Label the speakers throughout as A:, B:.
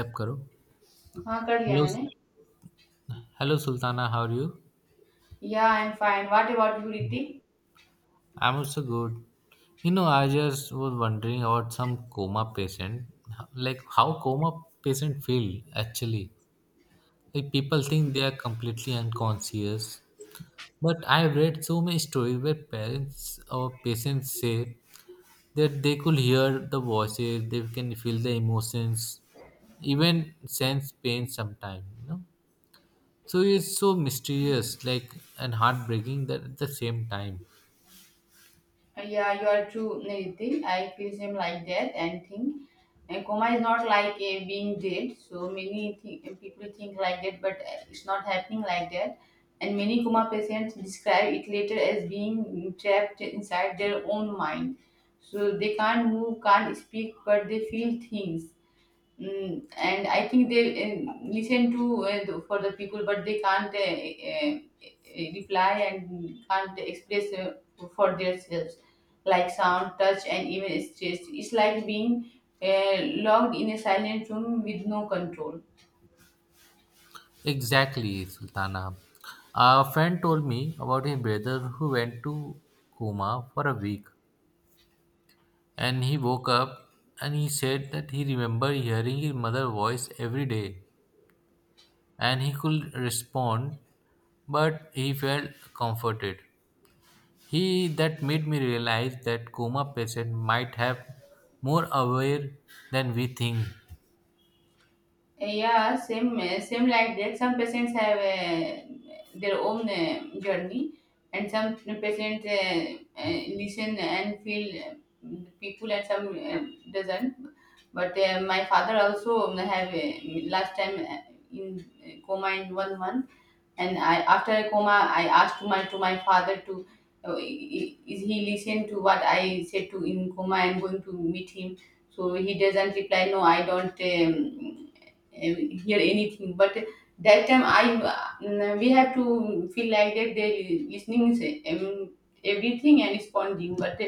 A: Accept करो.
B: हाँ कर लिया
A: Hello,
B: मैंने.
A: hello Sultana, how are you?
B: Yeah I am fine what about you Ritik.
A: I'm also good. You know, I just was wondering about some coma patient, like how coma patient feel actually. Like people think they are completely unconscious, but I've read so many stories where parents or patients say that they could hear the voices, they can feel the emotions, even sense pain sometimes. You know, so it's so mysterious, like and heartbreaking that at the same time.
B: Yeah, you are true Ritik. I feel same like that. And think And coma is not like a being dead, so many people think like that, but it's not happening like that. And many coma patients describe it later as being trapped inside their own mind, so they can't move, can't speak, but they feel things. And I think they listen to for the people, but they can't reply and can't express for themselves, like sound, touch, and even stress. It's like being uh, locked in a silent room with no control.
A: Exactly, Sultana. A friend told me about his brother who went to coma for a week and he woke up and he said that he remembered hearing his mother's voice every day and he could respond but he felt comforted. He that made me realize that coma patient might have more aware than we think.
B: Yeah, same like that. Some patients have their own journey, and some patients listen and feel the people, and some doesn't. But my father also have last time in coma in one month. And I, after a coma, I asked my father to, is he listened to what I said to in coma I'm going to meet him. So he doesn't reply, no, I don't uh, hear anything. But that time I, we have to feel like that they listening is um, everything and responding, but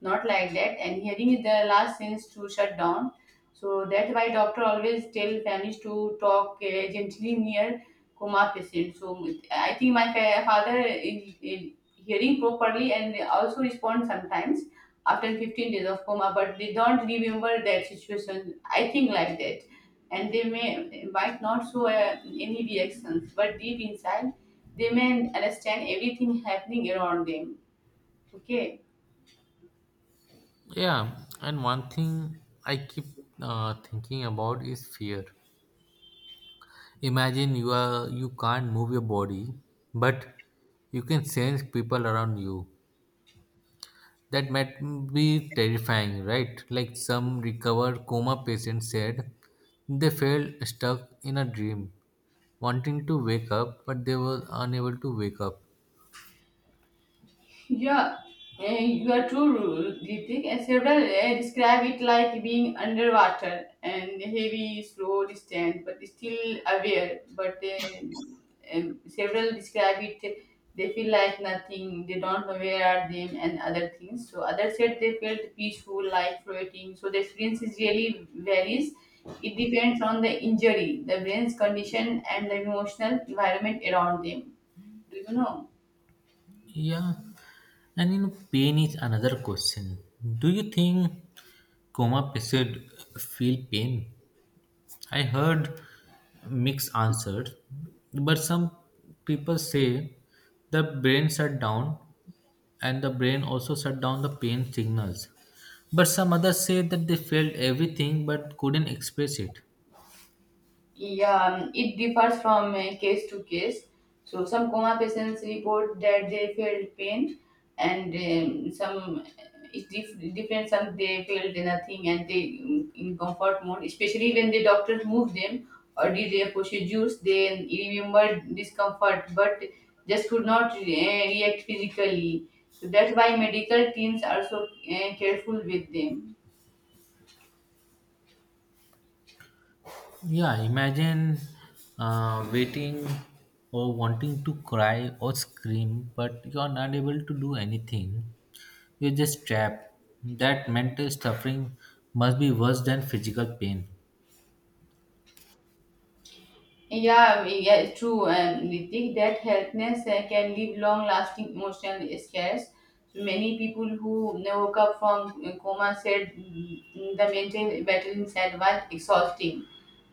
B: not like that. And hearing is the last sense to shut down, so that's why doctor always tell families to talk gently near coma patient. So I think my father is hearing properly and also respond sometimes after 15 days of coma, but they don't remember that situation. I think like that, and they might not show any reactions, but deep inside they may understand everything happening around them. Okay.
A: Yeah, and one thing I keep thinking about is fear. Imagine you can't move your body, but you can sense people around you. That might be terrifying, right? Like some recovered coma patients said, they felt stuck in a dream, wanting to wake up, but they were unable to wake up.
B: Yeah, you are true, Ritik. And several, describe it like being underwater and heavy, slow distance, but still aware. But several describe it, they feel like nothing, they don't know where are them and other things. So others said they felt peaceful, like floating. So the experience is really varies. It depends on the injury, the brain's condition, and the emotional environment around them. Do you know?
A: Yeah, and you know, pain is another question. Do you think coma patient feel pain? I heard mixed answers, but some people say the brain shut down and the brain also shut down the pain signals. But some others say that they felt everything but couldn't express it.
B: Yeah, it differs from case to case. So some coma patients report that they felt pain, and some, it's different. Some they felt nothing and they, in comfort mode. Especially when the doctors moved them or did their procedures, they remembered discomfort but just could not react physically. So that's why medical teams are so careful with them.
A: Yeah, imagine waiting or wanting to cry or scream, but you are not able to do anything. You're just trapped. That mental suffering must be worse than physical pain.
B: Yeah, yeah, it's true. And we think that healthness can leave long-lasting emotional scars. So many people who woke up from coma said, the mental battle inside was exhausting,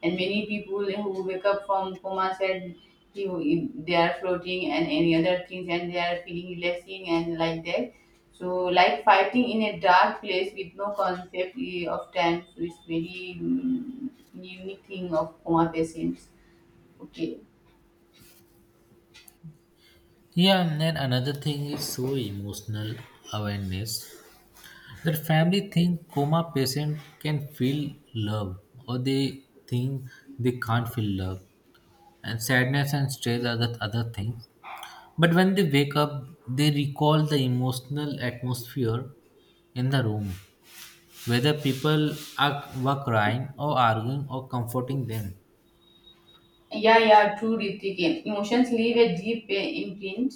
B: and many people who wake up from coma said they are floating and any other things, and they are feeling relaxing and like that. So, like fighting in a dark place with no concept of time, so it's very, unique thing of coma patients. Okay.
A: Yeah, and then another thing is so emotional awareness that family think coma patient can feel love or they think they can't feel love and sadness and stress are the other things. But when they wake up, they recall the emotional atmosphere in the room, whether people are, were crying or arguing or comforting them.
B: Yeah, yeah, true, Ritik. Emotions leave a deep imprint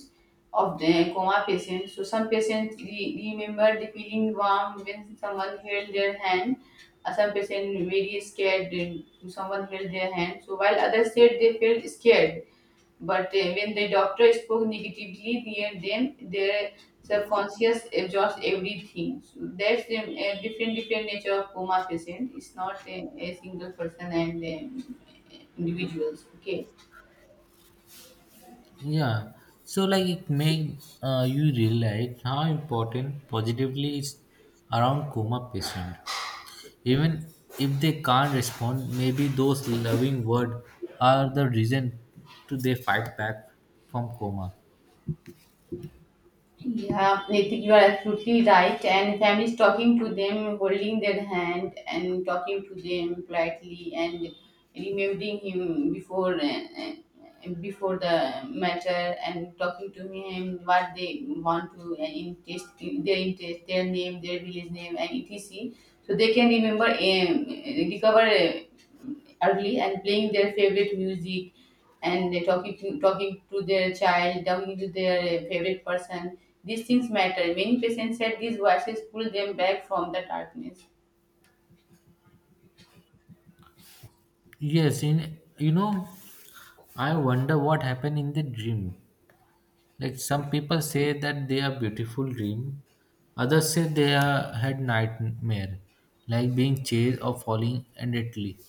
B: of the coma patient. So some patients remember the feeling warm when someone held their hand. Some patients very scared when someone held their hand. So while others said they felt scared. But when the doctor spoke negatively near them, their subconscious absorbs everything. So that's the different nature of coma patient. It's not a single person and, individuals. Okay.
A: Yeah. So like it make you realize how important positively is around coma patient. Even if they can't respond, maybe those loving words are the reason to they fight back from coma.
B: Yeah, I think you are absolutely right. And families talking to them, holding their hand, and talking to them politely, and remembering him before before the matter, and talking to him what they want to and interest, their name, their village name, and etc. So they can remember, recover early, and playing their favorite music and talking to their child, talking to their favorite person. These things matter. Many patients said these voices pull them back from the darkness.
A: Yes, in you know, I wonder what happened in the dream. Like some people say that they are beautiful dream, others say they are, had nightmare, like being chased or falling endlessly.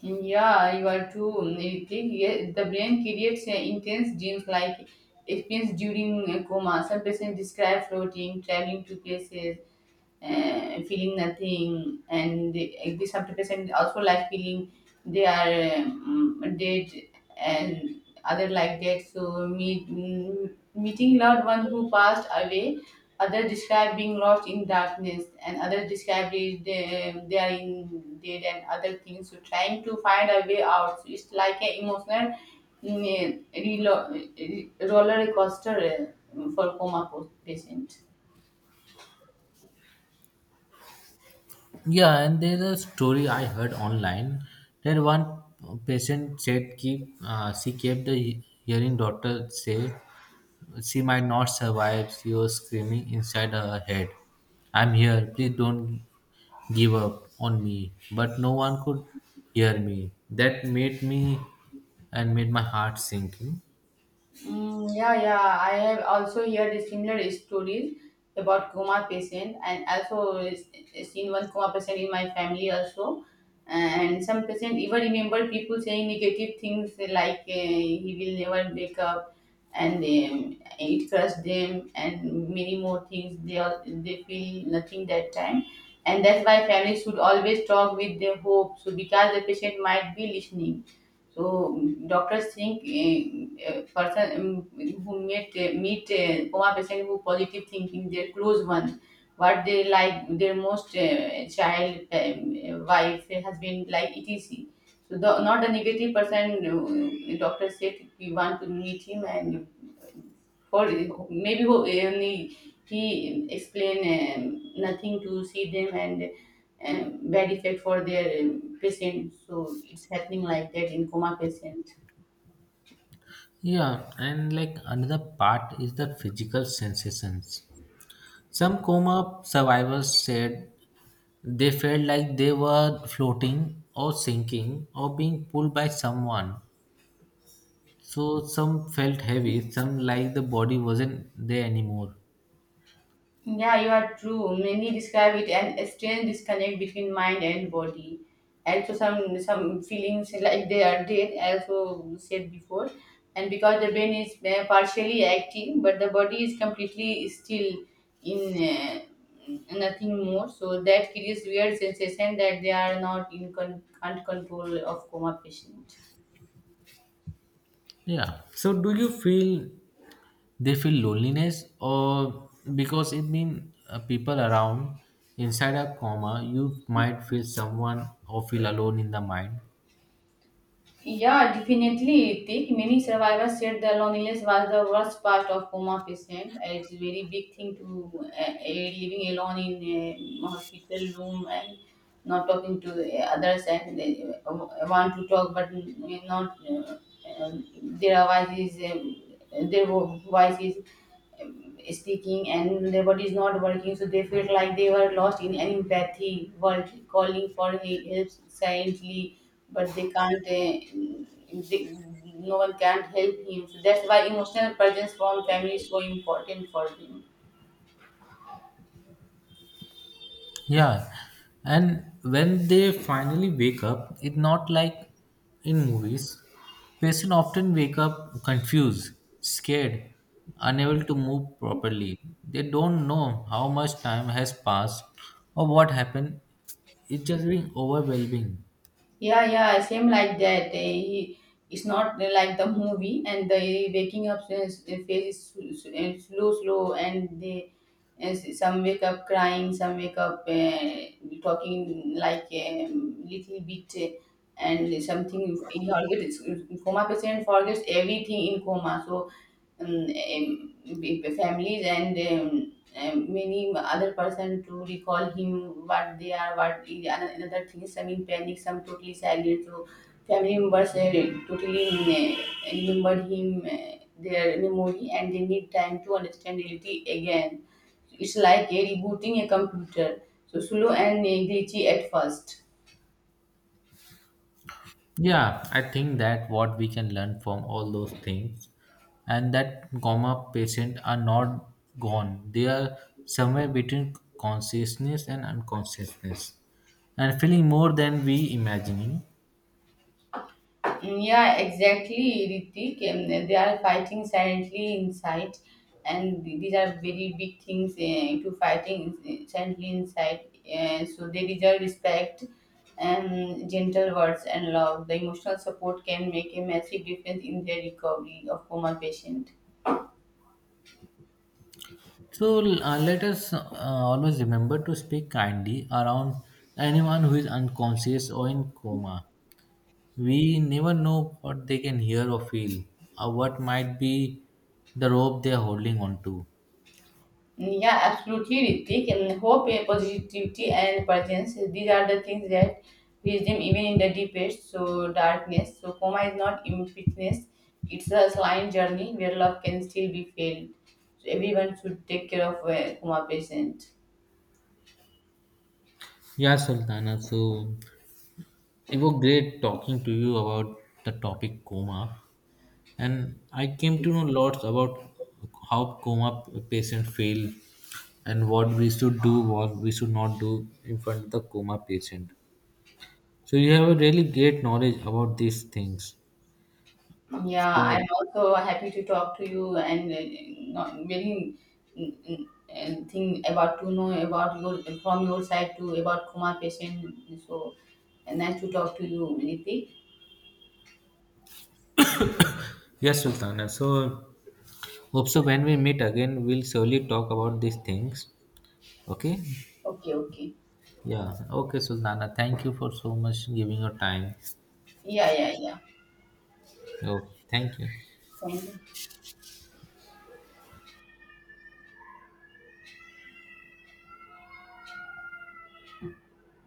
B: Yeah, you are too. I think, yeah, the brain creates intense dreams like experience during a coma. Some patients describe floating, traveling to places, feeling nothing and the subdepression also like feeling they are, dead and other like that. So meeting loved one who passed away, others describe being lost in darkness, and others describe it, they are in dead and other things. So trying to find a way out, so it's like an emotional, mm, relo- roller coaster for coma patient.
A: Yeah, and there's a story I heard online that one patient said keep she kept the hearing doctor say she might not survive. She was screaming inside her head, "I'm here! Please don't give up on me!" But no one could hear me. That made me and made my heart sink.
B: Mm, yeah, yeah. I have also heard similar stories about coma patient, and also seen one coma patient in my family also. And some patient even remember people saying negative things like, he will never wake up, and it crushed them, and many more things. They feel nothing that time, and that's why families should always talk with their hope. So because the patient might be listening, so, doctors think a person, who meet, coma patient who positive thinking, their close one, what they like, their most child, wife, husband, like etc. So not the negative person. Doctor said we want to meet him and for maybe only he explain, nothing to see them and, bad effect for their, patient. So it's happening like that in coma patient.
A: Yeah, and like another part is the physical sensations. Some coma survivors said they felt like they were floating or sinking or being pulled by someone. So some felt heavy, some like the body wasn't there anymore.
B: Yeah, you are true. Many describe it an a strange disconnect between mind and body. Also, some feelings like they are dead, as we said before, and because the brain is partially active, but the body is completely still in, nothing more. So that creates weird sensation that they are not can't control of coma patient.
A: Yeah. So do you feel they feel loneliness or because it mean people around inside a coma, you might feel someone or feel alone in the mind.
B: Yeah, definitely, Tik. Many survivors said the loneliness was the worst part of coma patient. It's a very big thing to living alone in a hospital room and not talking to the others, and they want to talk but not, um, their voice is, speaking, and their body is not working. So they felt like they were lost in an empathy world calling for help silently, but they can't, no one can help him. So that's why emotional presence from family is so important for him.
A: Yeah, and when they finally wake up, it's not like in movies. Patients often wake up confused, scared, unable to move properly. They don't know how much time has passed or what happened. It's just being overwhelming.
B: Yeah, yeah, same like that. It's not like the movie, and the waking up phase is slow, and they and some wake up crying, some wake up, talking like, little bit, and something he forgets, coma patient forgets everything in coma. So, um, um, families and, many other person to recall him what they are, what is another thing. Some in panic, some totally silent, so family members totally, remembered him their memory, and they need time to understand reality again. It's like a rebooting a computer, so slow and glitchy at first.
A: Yeah, I think that what we can learn from all those things and that coma patients are not gone. They are somewhere between consciousness and unconsciousness and feeling more than we imagining.
B: Mm, yeah, exactly, Ritik. They are fighting silently inside, and these are very big things to fighting silently inside. So they deserve respect and gentle words and love. The emotional support can make a massive difference in their recovery of coma patient.
A: So let us always remember to speak kindly around anyone who is unconscious or in coma. We never know what they can hear or feel or what might be the rope they are holding on to.
B: Yeah, absolutely, Ritik. And hope, positivity, and presence. These are the things that reach them even in the deepest so darkness. So coma is not in fitness; it's a slime journey where love can still be felt. So everyone should take care of a coma patient.
A: Yeah, Sultana. So it was great talking to you about the topic coma, and I came to know lots about how coma patients fail and what we should do, what we should not do in front of the coma patient. So you have a really great knowledge about these things.
B: Yeah,
A: So
B: I'm also happy to talk to you and, not very, thing about to know about your from your side too about coma patient. So nice to talk to you, Ritik.
A: yes, Sultana. So hope so when we meet again, we'll surely talk about these things. Okay?
B: Okay, okay.
A: Yeah. Okay, Sultana. Thank you for so much giving your time.
B: Yeah, yeah, yeah.
A: Oh, thank you.
B: Thank you.